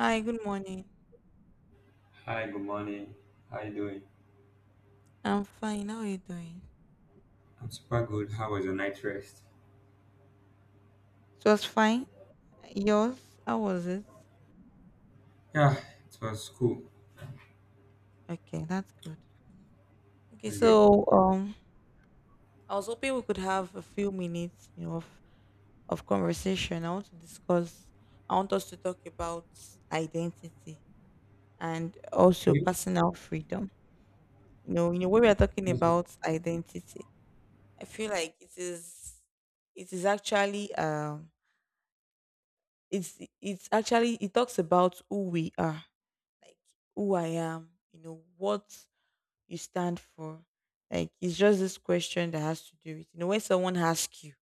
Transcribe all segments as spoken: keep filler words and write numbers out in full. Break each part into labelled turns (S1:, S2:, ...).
S1: Hi, good morning.
S2: Hi, good morning. How you doing?
S1: I'm fine. How are you doing?
S2: I'm super good. How was your night rest?
S1: It was fine. Yours? How was it?
S2: Yeah, it was cool.
S1: Okay, that's good. Okay,
S2: That's great.
S1: so um, I was hoping we could have a few minutes, you know, of, of conversation. I want to discuss. I want us to talk about identity and also
S2: Okay,
S1: personal freedom. You know, you know, when we are talking
S2: that's good.
S1: about identity, I feel like it is, it is actually um, it's it's actually it talks about who we are like who I am, you know, what you stand for. Like it's just this question that has to do with, you know, when someone asks you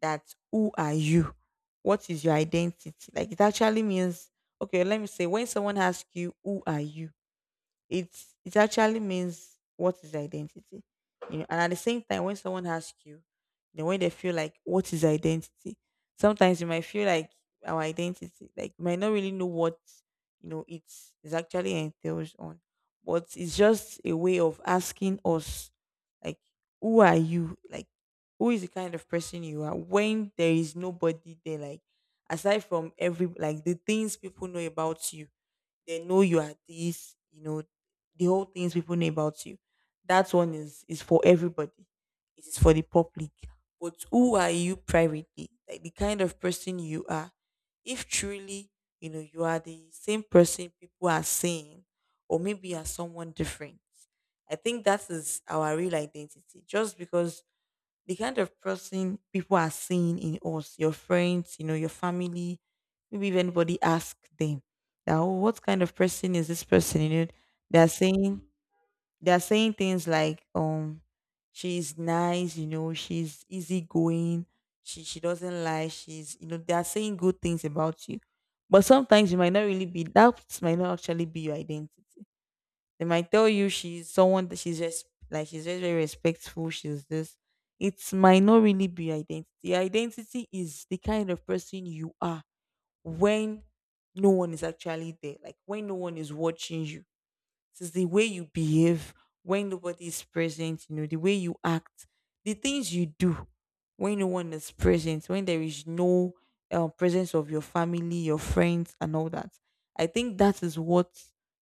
S1: that who are you? What is your identity? Like it actually means okay, let me say when someone asks you who are you? It's it actually means what is identity. You know, and at the same time when someone asks you, then when they feel like what is identity, sometimes you might feel like our identity, like you might not really know what you know it's is actually entails on. But it's just a way of asking us like who are you? Like who is the kind of person you are when there is nobody there like aside from every like the things people know about you they know you are this, you know, the whole things people know about you. That one is is for everybody. It is for the public. But who are you privately? Like the kind of person you are. If truly, you know, you are the same person people are seeing, or maybe you are someone different. I think that is our real identity. Just because the kind of person people are seeing in us, your friends, you know, your family, maybe if anybody asks them that oh, what kind of person is this person? You know, they're saying they're saying things like, um, she's nice, you know, she's easygoing, she she doesn't lie, she's you know, they're saying good things about you. But sometimes you might not really be that might not actually be your identity. They might tell you she's someone that she's just like she's very, very respectful, she's this. It might not really be identity. Your identity is the kind of person you are when no one is actually there, like when no one is watching you it is the way you behave when nobody is present, you know, the way you act, the things you do when no one is present, when there is no uh, presence of your family, your friends, and all that. I think that is what,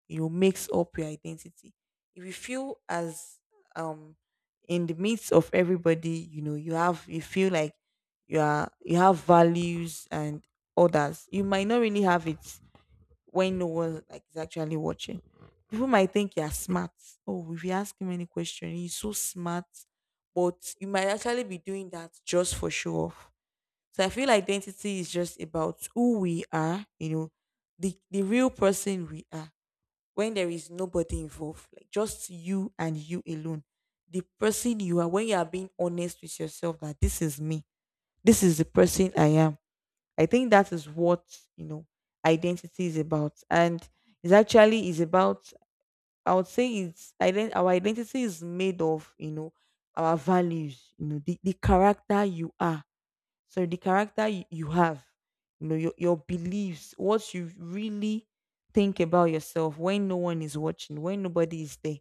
S1: you know, makes up your identity. If you feel as, um, in the midst of everybody, you know, you have, you feel like you are, you have values and others. You might not really have it when no one like is actually watching. People might think you're smart. Oh, if you ask him any question, he's so smart. But you might actually be doing that just for show off. So I feel identity is just about who we are, you know, the the real person we are. When there is nobody involved, like just you and you alone. The person you are when you are being honest with yourself that this is me. This is the person I am I think that is what you know identity is about, and it's actually is about. I would say it's ident- our identity is made of you know our values, you know the, the character you are, so the character you, you have, you know your your beliefs, what you really think about yourself when no one is watching, when nobody is there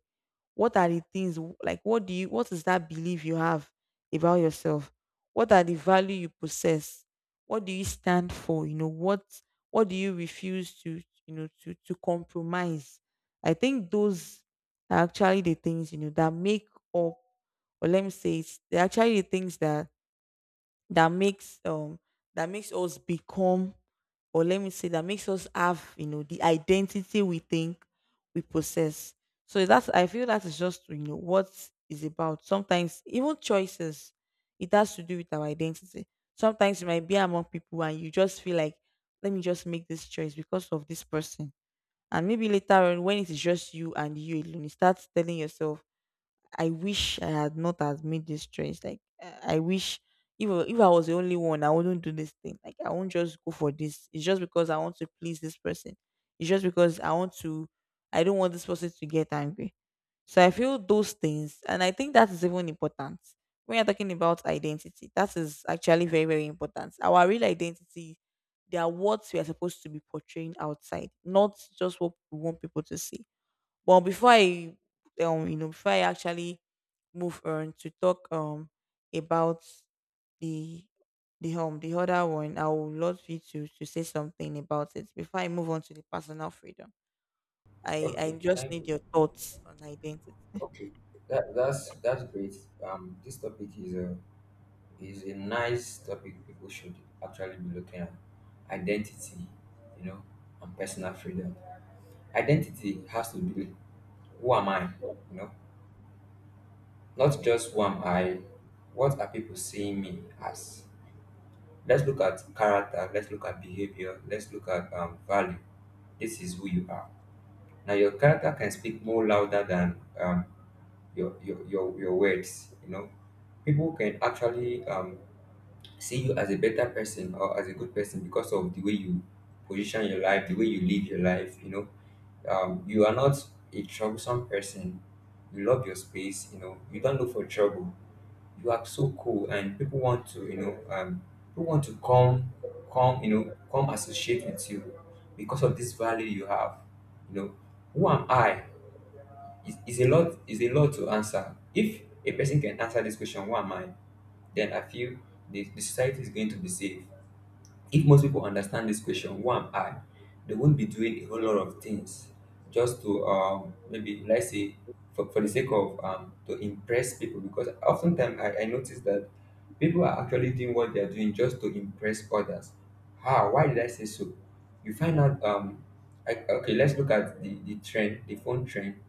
S1: what are the things w- like what do you what is that belief you have about yourself what are the value you possess what do you stand for you know what what do you refuse to you know to to compromise. I think those are actually the things you know that make up or let me say it's they're actually the things that that makes um that makes us become or let me say that makes us have you know the identity we think we possess. So that's I feel that is just you know what is about sometimes even choices it has to do with our identity sometimes you might be among people and you just feel like let me just make this choice because of this person and maybe later on when it is just you and you alone you start telling yourself I wish I had not has made this choice. Like I I wish if I- if I was the only one, I wouldn't do this thing. Like I won't just go for this. It's just because I want to please this person. It's just because I want to. I don't want this person to get angry. So I feel those things, and I think that is even important when you're talking about identity. That is actually very very important. Our real identity, they are what we are supposed to be portraying outside, not just what we want people to see. But before I um you know before I actually move on to talk um about the the home the other one, I would love you to to say something about it before I move on to the personal freedom. I I
S2: Okay,
S1: just
S2: thank
S1: need
S2: you.
S1: your thoughts on identity.
S2: Okay, that, that's that's great. Um, this topic is a is a nice topic people should actually be looking at. Identity, you know, and personal freedom. Identity has to be who am I, you know, not just who am I. What are people seeing me as? Let's look at character, let's look at behavior, let's look at um, value. This is who you are. Now, your character can speak more louder than um, your, your, your, your words, you know. People can actually um, see you as a better person or as a good person because of the way you position your life, the way you live your life, you know. Um, you are not a troublesome person. You love your space, you know. You don't look for trouble, you are so cool, and people want to, you know, um people want to come come, you know, come associate with you because of this value you have, you know. Who am I is, is a lot, is a lot to answer. If a person can answer this question, who am I, then I feel the, the society is going to be safe if most people understand this question, who am I? They won't be doing a whole lot of things just to, um, maybe let's say for, for the sake of, um, to impress people, because oftentimes I, I notice that people are actually doing what they are doing just to impress others. How? Why did I say so? You find out um I, okay, let's look at the, the trend, the phone trend.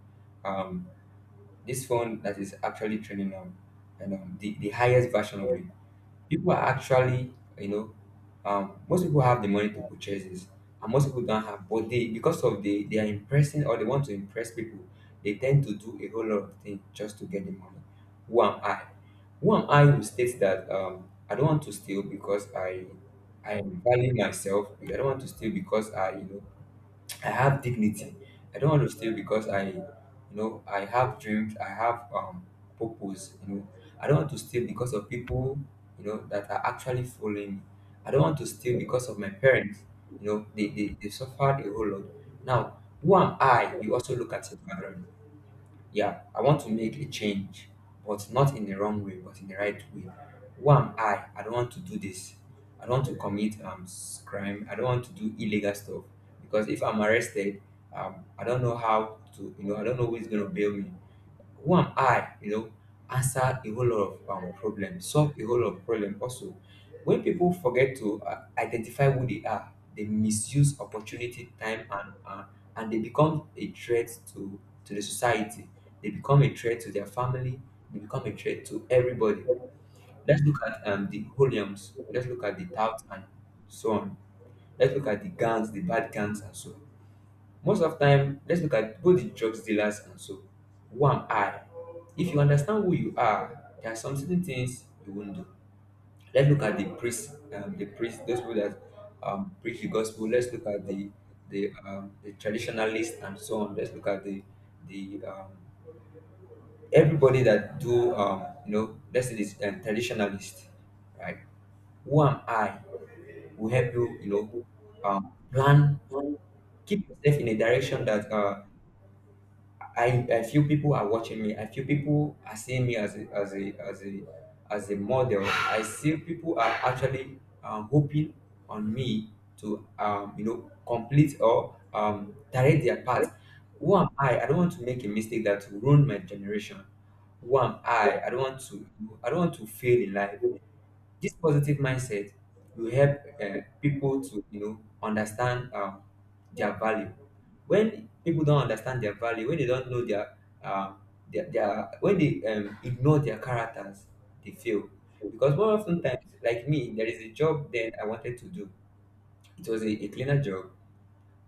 S2: Um this phone that is actually trending now, and um the, the highest version of it, people are actually, you know, um, most people have the money to purchase this, and most people don't have, but they, because of the, they are impressing, or they want to impress people, they tend to do a whole lot of things just to get the money. Who am I? Who am I, who states that, um, I don't want to steal because i i value myself? I don't want to steal because I, you know, I have dignity. I don't want to stay because I, you know, I have dreams. I have um purpose. You know, I don't want to stay because of people, you know, that are actually following me. I don't want to stay because of my parents. You know, they they, they suffered a whole lot. Now, who am I? You also look at your background. Yeah, I want to make a change, but not in the wrong way, but in the right way. Who am I? I don't want to do this. I don't want to commit um s- crime. I don't want to do illegal stuff because if I'm arrested, um, I don't know how to, you know, I don't know who is going to bail me. Who am I? You know, answer a whole lot of um, problems, solve a whole lot of problems. Also, when people forget to uh, identify who they are, they misuse opportunity, time, and uh, and they become a threat to to the society. They become a threat to their family. They become a threat to everybody. Let's look at um, the Holiams. Let's look at the touts and so on. Let's look at the gangs, the bad gangs, and so on. Most of time, let's look at both the drugs dealers and so. Who am I? If you understand who you are, there are some certain things you won't do. Let's look at the priest, um, the priest, those people that um, preach the gospel. Let's look at the the um, the traditionalists and so on. Let's look at the the um, everybody that do um, you know. Let's say this um, traditionalist, right? Who am I? Will help you, you know, um, plan, keep yourself in a direction that uh, I, I feel people are watching me. I feel people are seeing me as a as a as a as a model. I see people are actually um, hoping on me to um, you know, complete or um, direct their path. Who am I? I don't want to make a mistake that will ruin my generation. Who am I? I don't want to I don't want to fail in life. This positive mindset will help uh, people to, you know, understand um, their value. When people don't understand their value, when they don't know their, um, their, their when they um, ignore their characters, they fail. Because more often times, like me, there is a job that I wanted to do. It was a, a cleaner job,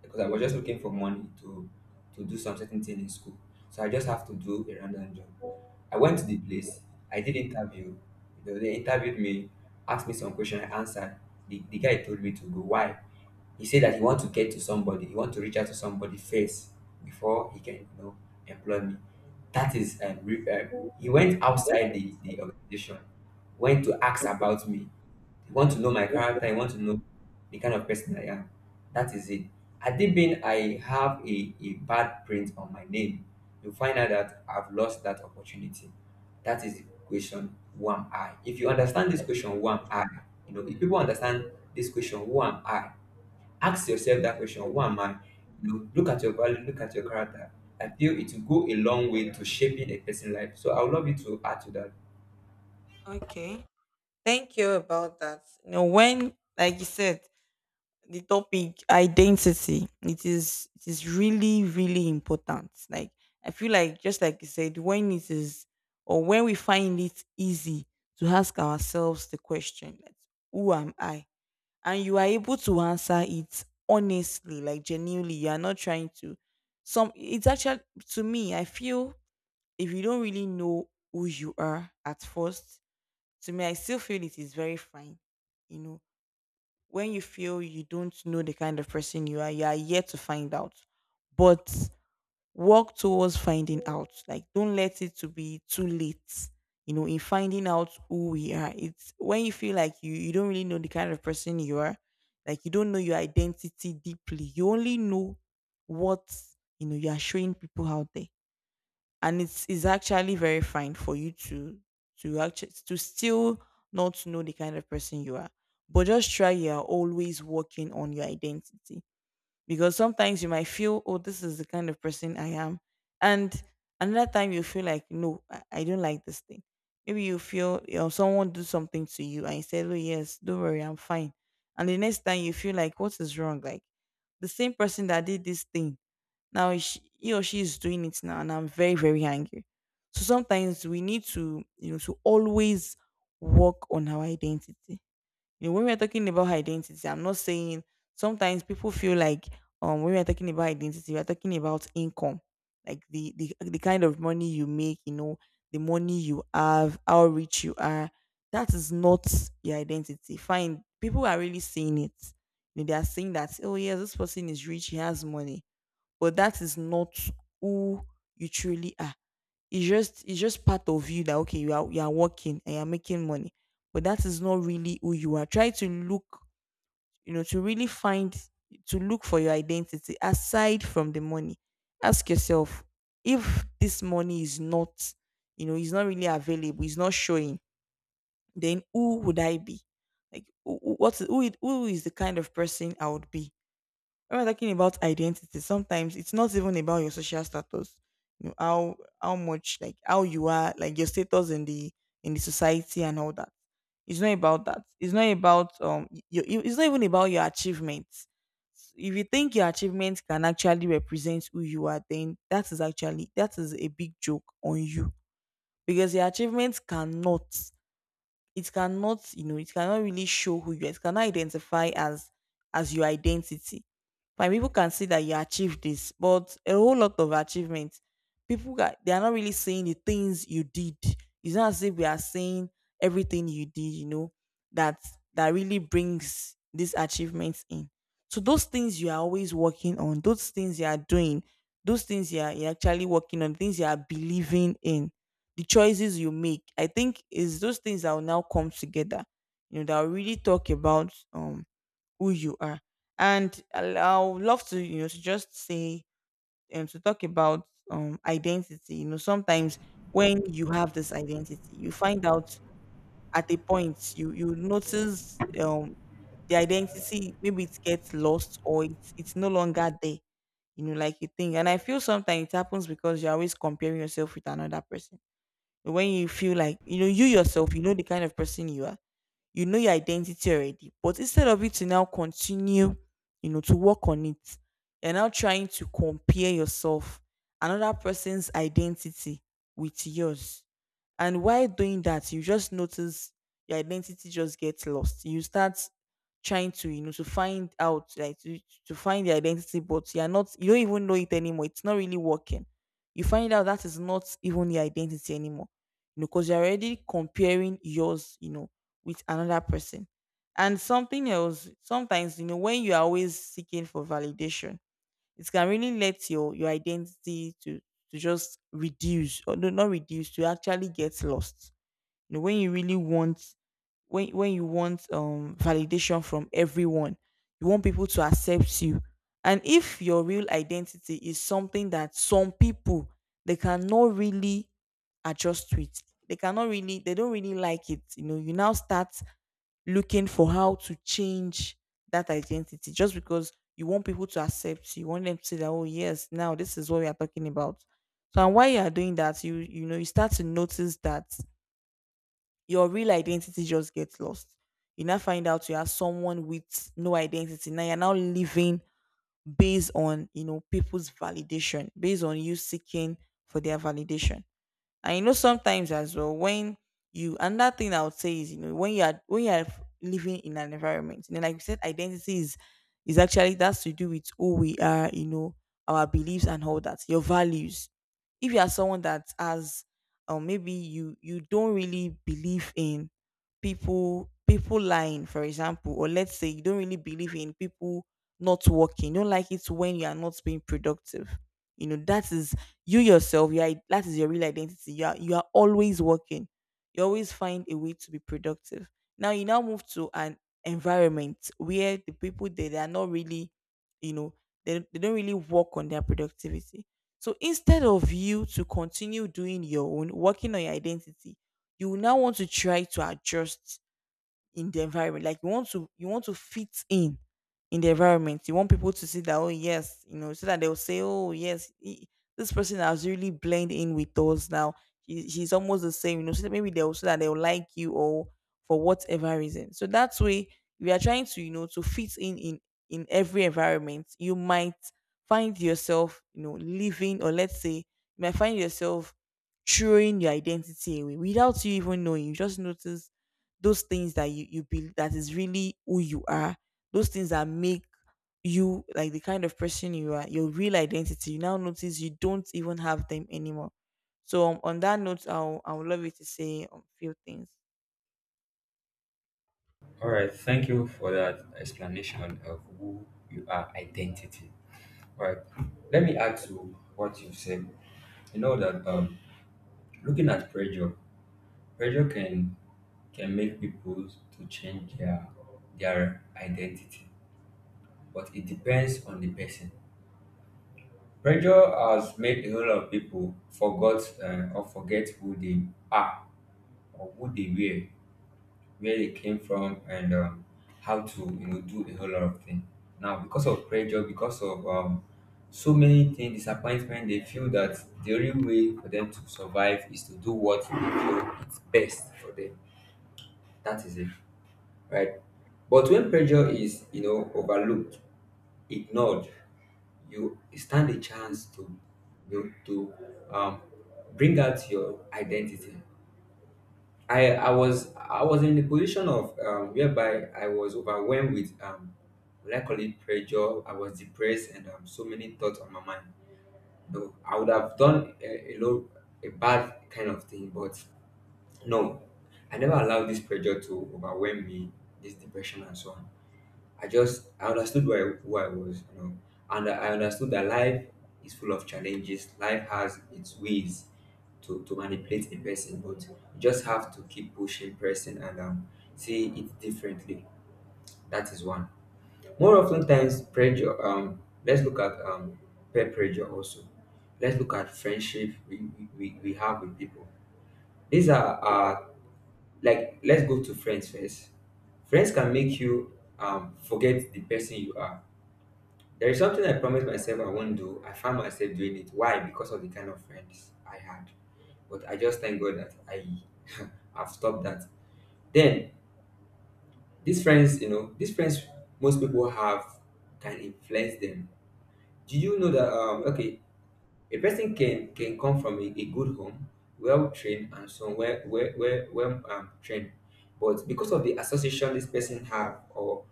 S2: because I was just looking for money to to do some certain thing in school. So I just have to do a random job. I went to the place. I did interview. You know, they interviewed me, asked me some question. I answered. The, the guy told me to go. Why? He said that he want to get to somebody. He want to reach out to somebody first before he can, you know, employ me. That is, um, re- um, he went outside the, the organization, went to ask about me. You want to know my character, you want to know the kind of person I am. That is it. Had it been I have a, a bad print on my name, you find out that I've lost that opportunity. That is the question, who am I? If you understand this question, who am I? You know, if people understand this question, who am I? Ask yourself that question, who am I? You know, look at your value, look at your character. I feel it will go a long way to shaping a person's life. So I would love you to add to that.
S1: Okay, thank you about that. You know when like you said the topic identity it is it is really really important like I feel like just like you said when it is or when we find it easy to ask ourselves the question like, who am I and you are able to answer it honestly like genuinely you are not trying to some it's actually to me I feel if you don't really know who you are at first to me I still feel it is very fine you know when you feel you don't know the kind of person you are, you are yet to find out. But work towards finding out. Like don't let it to be too late. You know, in finding out who we are. It's when you feel like you you don't really know the kind of person you are, like you don't know your identity deeply. You only know what you know you are showing people out there and it is actually very fine for you to to actually to still not know the kind of person you are but just try you are always working on your identity because sometimes you might feel oh this is the kind of person I am and another time you feel like no i, I don't like this thing maybe you feel you know, someone do something to you and you said oh yes don't worry I'm fine and the next time you feel like what is wrong like the same person that did this thing now sh he or she is doing it now, and I'm very, very angry. So sometimes we need to, you know, to always work on our identity. You know, when we're talking about identity, I'm not saying sometimes people feel like um when we're talking about identity, we're talking about income, like the, the the kind of money you make, you know, the money you have, how rich you are. That is not your identity. Fine, people are really seeing it. You know, they are saying that, oh yes, this person is rich, he has money but that is not who you truly are. It's just it's just part of you that okay, you are you are working and you're making money. But that is not really who you are. Try to look, you know, to really find to look for your identity aside from the money. Ask yourself if this money is not, you know, is not really available, is not showing, then who would I be? Like who- who- what who, it- who is the kind of person I would be? When we're talking about identity, sometimes it's not even about your social status. You know, how how much like how you are, like your status in the in the society and all that. It's not about that. It's not about um y- your it's not even about your achievements. If you think your achievements can actually represent who you are, then that is actually that is a big joke on you. Because your achievements cannot it cannot, you know, it cannot really show who you are. It cannot identify as as your identity my people can see that you achieved this, but a whole lot of achievements, people got they are not really seeing the things you did. It's not as if we are seeing everything you did, you know, that that really brings these achievements in. So those things you are always working on, those things you are doing, those things you are you're actually working on, things you are believing in, the choices you make. I think is those things that will now come together. You know, that will really talk about um who you are. And I'll- I would love to, you know, to just say um to talk about um identity. You know, sometimes when you have this identity, you find out at a point you you notice um the identity maybe it gets lost or it's it's no longer there. You know, like you think. And I feel sometimes it happens because you're always comparing yourself with another person. When you feel like you know you yourself, you know the kind of person you are, you know your identity already, but instead of it to now continue, you know, to work on it, you're now trying to compare yourself another person's identity with yours. And while doing that, you just notice your identity just gets lost. You start trying to, you know, to find out, like to, to find the identity, but you're not, you don't even know it anymore. It's not really working. You find out that is not even your identity anymore, you know, because you're already comparing yours, you know, with another person. And something else, sometimes, you know, when you are always seeking for validation, it can really let your your identity to to just reduce or no, not reduce to actually get lost. You know, when you really want, when when you want um validation from everyone, you want people to accept you. And if your real identity is something that some people they cannot really adjust to it. They cannot really, they don't really like it. You know, you now start looking for how to change that identity just because you want people to accept you. You want them to say that, oh yes, now this is what we are talking about. So and while you are doing that, you you know, you start to notice that your real identity just gets lost. You now find out you are someone with no identity. Now you're now living based on, you know, people's validation, based on you seeking for their validation. And you know, sometimes as well, when you another thing I would say is, you know, when you are when you are living in an environment, you know, like you said, identity is is actually that's to do with who we are, you know, our beliefs and all that, your values. If you are someone that has or maybe you you don't really believe in people people lying, for example, or let's say you don't really believe in people not working, you don't like it when you are not being productive. You know, that is you yourself, you are, that is your real identity. You are you are always working. You always find a way to be productive. Now you now move to an environment where the people there they are not really, you know, they, they don't really work on their productivity. So instead of you to continue doing your own, working on your identity, you will now want to try to adjust in the environment. Like you want to you want to fit in in the environment. You want people to see that, oh yes, you know, so that they'll say, oh yes, he- this person has really blend in with us now. She, she's almost the same, you know. So that maybe they'll, so that they'll like you or for whatever reason. So that way we are trying to, you know, to fit in in in every environment. You might find yourself, you know, living, or let's say you might find yourself throwing your identity away without you even knowing. You just notice those things that you you be that is really who you are, those things that make you like the kind of person you are, your real identity, you now notice you don't even have them anymore. So um, on that note, i'll I would love you to say a few things.
S2: All right. Thank you for that explanation of who you are, identity. All right. Let me add to what you've said. You know that um, looking at pressure, pressure can can make people to change their their identity, but it depends on the person. Pressure has made a whole lot of people forgot uh, or forget who they are, or who they were, where they came from, and um, how to, you know, do a whole lot of things now, because of pressure, because of um, so many things, disappointment. They feel that the only way for them to survive is to do what they feel is best for them. That is it, right? But when pressure is, you know, overlooked, ignored, you stand a chance to, you know, to um, bring out your identity. I I was I was in the position of, um, whereby I was overwhelmed with um what I call it pressure. I was depressed, and um, so many thoughts on my mind. No, I would have done a, a low a bad kind of thing, but no, I never allowed this pressure to overwhelm me, this depression and so on. I just I understood where I, who I was, you know, and I understood that life is full of challenges. Life has its ways to, to manipulate a person, but you just have to keep pushing person and, um, see it differently. That is one. More often times, pressure. Um, let's look at um, peer pressure also. Let's look at friendship we, we, we we have with people. These are uh, like let's go to friends first. Friends can make you um, forget the person you are. There is something I promised myself I won't do. I found myself doing it. Why? Because of the kind of friends I had. But I just thank God that I have stopped that. Then these friends, you know, these friends most people have can influence them. Do you know that um okay, a person can can come from a, a good home, well trained, and so well well well, well um, trained. But because of the association this person have, or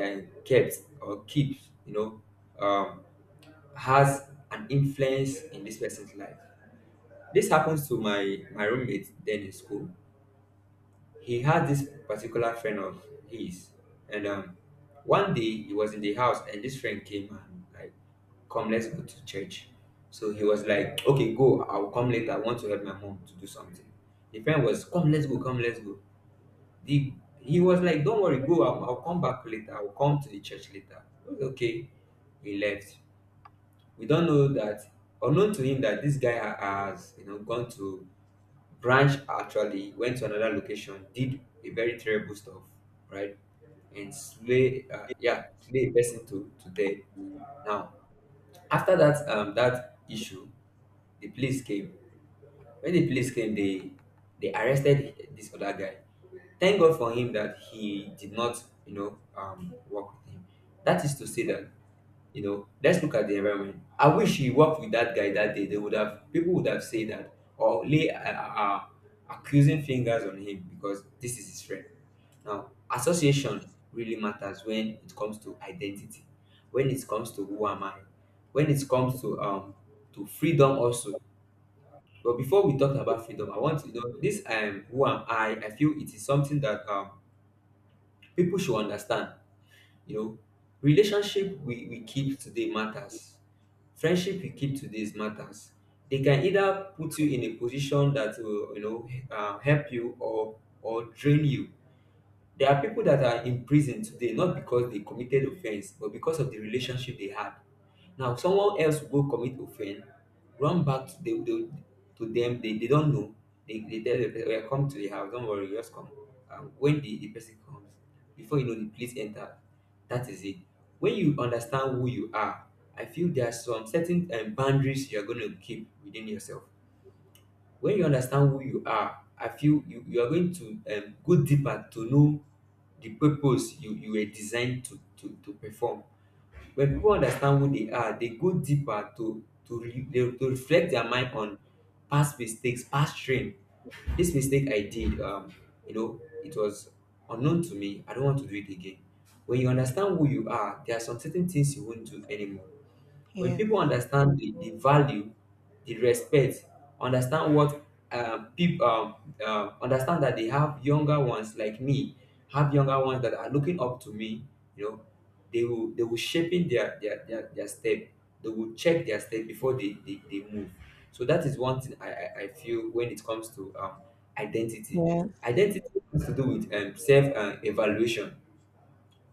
S2: uh, kept or keeps, you know, um has an influence in this person's life. This happens to my my roommate then in school. He had this particular friend of his, and um, one day he was in the house, and this friend came and like, "Come, let's go to church." So he was like, "Okay, go. I'll come later. I want to help my mom to do something." The friend was, "Come, let's go. Come, let's go." The He was like, "Don't worry, go. I'll, I'll come back later. I'll come to the church later." It was okay. He left, we don't know that unknown to him that this guy ha- has you know gone to branch actually went to another location, did a very terrible stuff, right, and slay uh, yeah, slay a person to to death. Now, after that um that issue, the police came. When the police came, they they arrested this other guy. Thank God for him that he did not you know um work with him. That is to say that, you know, let's look at the environment. I wish he worked with that guy that day. They would have, people would have said that or lay uh, uh, uh, accusing fingers on him because this is his friend. Now, association really matters when it comes to identity, when it comes to who am I, when it comes to um to freedom also. But before we talk about freedom, I want to know this um who am I? I feel it is something that um people should understand. you know, relationship we, we keep today matters. Friendship you keep today is matters. They can either put you in a position that will, you know, uh, help you, or or drain you. There are people that are in prison today not because they committed offense, but because of the relationship they had. Now, someone else will go commit offense, run back to, the, the, to them. They, they don't know. They, they tell them, well, come to the house, don't worry, just come. Um, when the, the person comes, before you know, the police enter. That is it. When you understand who you are, I feel there are some certain um, boundaries you are going to keep within yourself. When you understand who you are, I feel you, you are going to um, go deeper to know the purpose you, you were designed to, to, to perform. When people understand who they are, they go deeper to to, re, they, to reflect their mind on past mistakes, past strain. This mistake I did, um, you know it was unknown to me. I don't want to do it again. When you understand who you are, there are some certain things you won't do anymore. When people
S1: Yes,
S2: understand the, the value, the respect, understand what, um, people um, um, understand that they have younger ones like me, have younger ones that are looking up to me, you know. They will they will shaping their their, their, their step. They will check their step before they, they, they move. So that is one thing I, I, I feel when it comes to um, identity.
S1: yes.
S2: Identity has to do with um, self uh, evaluation.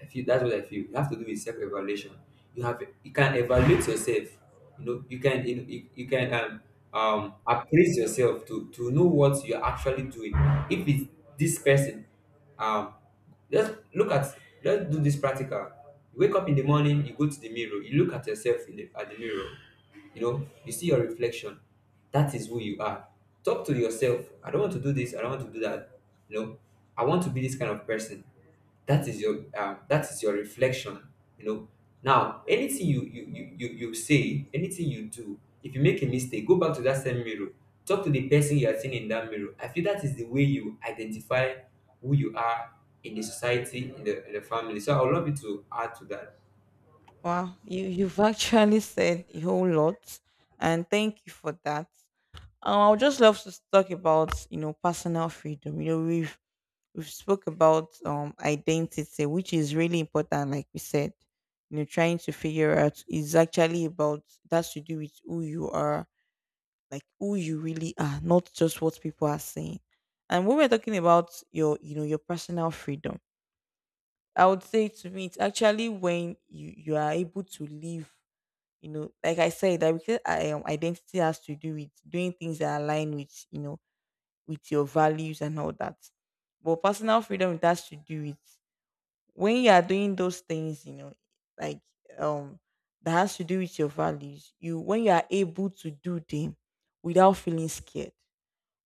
S2: I feel that's what I feel. You have to do with self evaluation. You have you can evaluate yourself. You know you can you, know, you, you can um um appraise yourself to to know what you're actually doing. If it's this person, um, just look at, let's do this practical. You wake up in the morning, you go to the mirror, you look at yourself in the at the mirror. You know you see your reflection. That is who you are. Talk to yourself. I don't want to do this. I don't want to do that. You know, I want to be this kind of person. That is your um, that is your reflection, you know. Now, anything you you, you you you say, anything you do, if you make a mistake, go back to that same mirror. Talk to the person you are seeing in that mirror. I feel that is the way you identify who you are in the society, in the, in the family. So I would love you to add to that.
S1: Wow. You you've actually said a whole lot and thank you for that. Um, I would just love to talk about, you know, personal freedom. You know, we've we've spoke about um identity, which is really important, like we said. You know, trying to figure out is actually about that's to do with who you are, like who you really are, not just what people are saying. And when we're talking about your, you know, your personal freedom, I would say to me, it's actually when you you are able to live, you know, like I said, that because I, um, identity has to do with doing things that align with, you know, with your values and all that. But personal freedom, it has to do with when you are doing those things, you know, like um that has to do with your values, you when you are able to do them without feeling scared,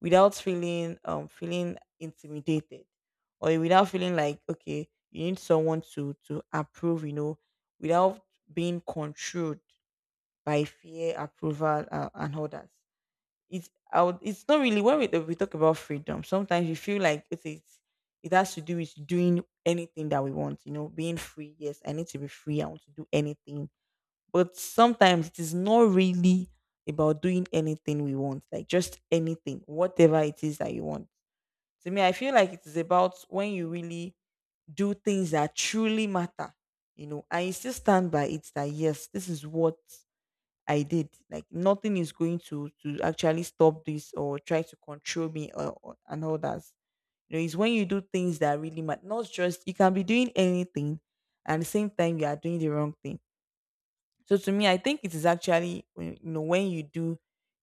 S1: without feeling um feeling intimidated, or without feeling like okay, you need someone to to approve, you know, without being controlled by fear, approval, uh, and others. It's I would, it's not really when we, we talk about freedom. Sometimes we feel like it is it has to do with doing anything that we want. You know, being free. Yes, I need to be free. I want to do anything. But sometimes it is not really about doing anything we want. Like just anything, whatever it is that you want. To me, I feel like it is about when you really do things that truly matter. You know, and you still stand by it that yes, this is what I did. Like nothing is going to to actually stop this or try to control me or, or- and all that. You know, it's when you do things that really matter. Not just you can be doing anything, and at the same time you are doing the wrong thing. So to me, I think it is actually when- you know when you do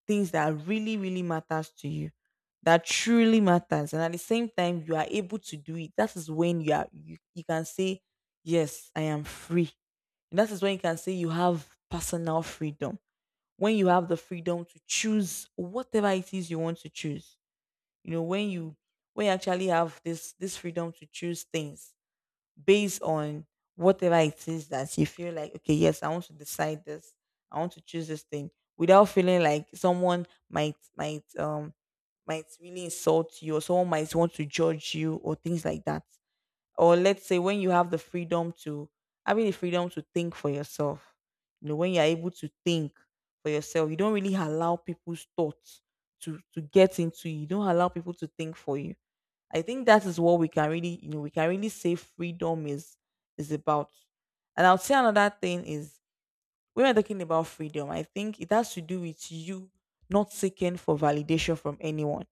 S1: things that really really matters to you, that truly matters, and at the same time you are able to do it. That is when you are you, you can say yes, I am free. That is when you can say you have personal freedom, when you have the freedom to choose whatever it is you want to choose. You know, when you when you actually have this this freedom to choose things based on whatever it is that you feel like, okay, yes, I want to decide this, I want to choose this thing without feeling like someone might might um might really insult you or someone might want to judge you or things like that. Or let's say when you have the freedom to having the freedom to think for yourself. You know, when you're able to think for yourself, you don't really allow people's thoughts to to get into you, you don't allow people to think for you. I think that is what we can really, you know, we can really say freedom is is about. And I'll say another thing is when we're talking about freedom, I think it has to do with you not seeking for validation from anyone.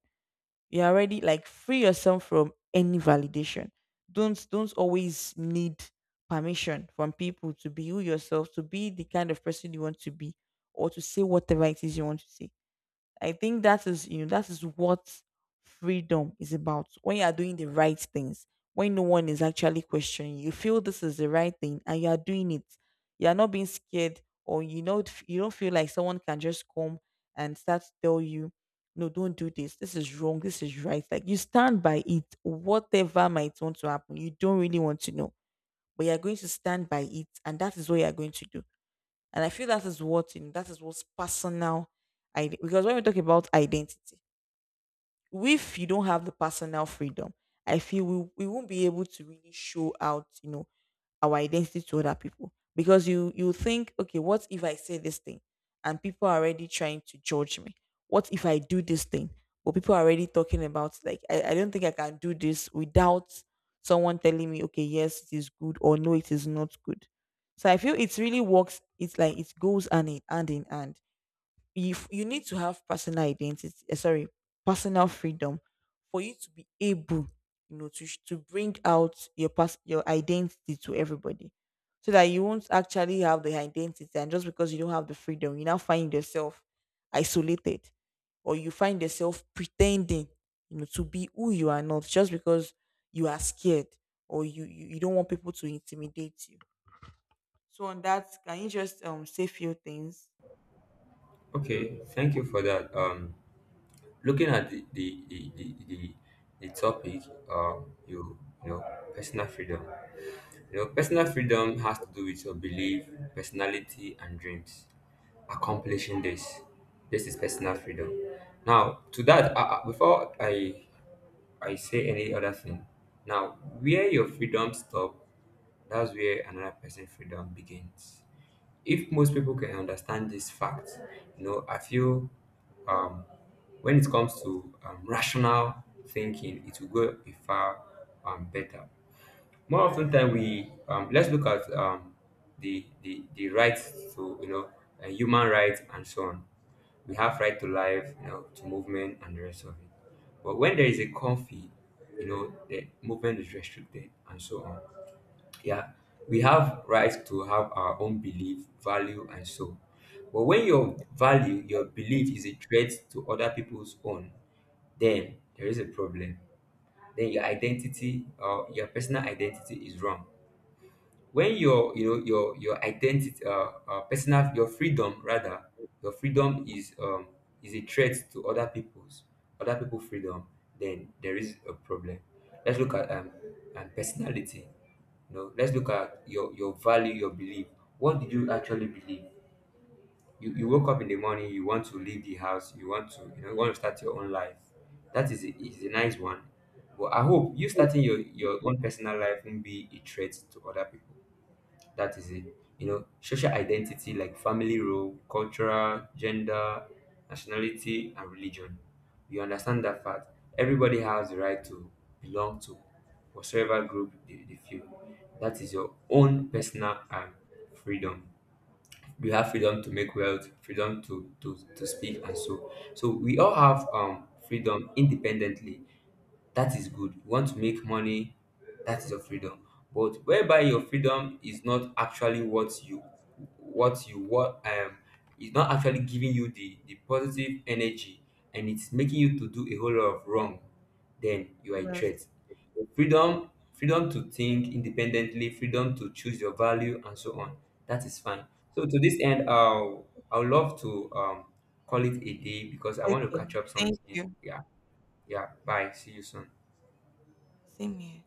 S1: You're already like free yourself from any validation. Don't don't always need permission from people to be you yourself, to be the kind of person you want to be, or to say whatever it is you want to say. I think that is, you know, that is what freedom is about. When you are doing the right things, when no one is actually questioning, you feel this is the right thing and you are doing it. You are not being scared, or you know you don't feel like someone can just come and start to tell you, no, don't do this. This is wrong. This is right. Like you stand by it, whatever might want to happen. You don't really want to know, but you are going to stand by it, and that is what you are going to do. And I feel that is what, you know, that is what's personal ide- because when we talk about identity, if you don't have the personal freedom, I feel we, we won't be able to really show out, you know, our identity to other people, because you you think, okay, what if I say this thing and people are already trying to judge me? What if I do this thing, well people are already talking about, like i, I don't think I can do this without someone telling me okay yes it is good or no it is not good. So I feel it really works, it's like it goes hand in hand in hand. you f- you need to have personal identity, eh, sorry, personal freedom, for you to be able, you know, to sh- to bring out your pers- your identity to everybody, so that you won't actually have the identity and just because you don't have the freedom you now find yourself isolated, or you find yourself pretending, you know, to be who you are not, just because you are scared, or you you, you don't want people to intimidate you. So on that can you just um say few things.
S2: Okay, thank you for that. Um looking at the the the the, the, the topic, um you you know, personal freedom. Your personal freedom has to do with your belief, personality, and dreams. Accomplishing this, this is personal freedom. Now, to that, uh, uh, before I I say any other thing, now where your freedom stop, that's where another person's freedom begins. If most people can understand this fact, you know, I feel, um, when it comes to um, rational thinking, it will go a far, um, better more often than we, um, let's look at, um, the, the the rights to, you know, uh, human rights and so on. We have right to life, you know, to movement and the rest of it. But when there is a conflict, you know, the movement is restricted and so on, yeah. We have rights to have our own belief, value, and so. But when your value, your belief is a threat to other people's own, then there is a problem. Then your identity or your personal identity is wrong. When your you know your your identity, uh, uh personal, your freedom rather, your freedom is um is a threat to other people's, other people freedom, then there is a problem. Let's look at, um and personality. You know, let's look at your your value, your belief. What did you actually believe? You, you woke up in the morning, you want to leave the house, you want to, you know, you want to start your own life. That is a, is a nice one. But I hope you starting your your own personal life won't be a threat to other people. That is it. You know, social identity like family role, cultural, gender, nationality, and religion. You understand that fact. Everybody has the right to belong to whatsoever group they, they feel. That is your own personal um, freedom. You have freedom to make wealth, freedom to, to, to speak, and so. So we all have um, freedom independently. That is good. You want to make money, that is your freedom. But whereby your freedom is not actually what you, what you what um is not actually giving you the the positive energy, and it's making you to do a whole lot of wrong, then you are a
S1: Yes.
S2: threat. Freedom, freedom to think independently, freedom to choose your value and so on, that is fine. So to this end, i'll i'll love to um call it a day because I want to
S1: Okay.
S2: catch up
S1: Thank
S2: something.
S1: you.
S2: Yeah, yeah, bye, see you soon.
S1: Same here.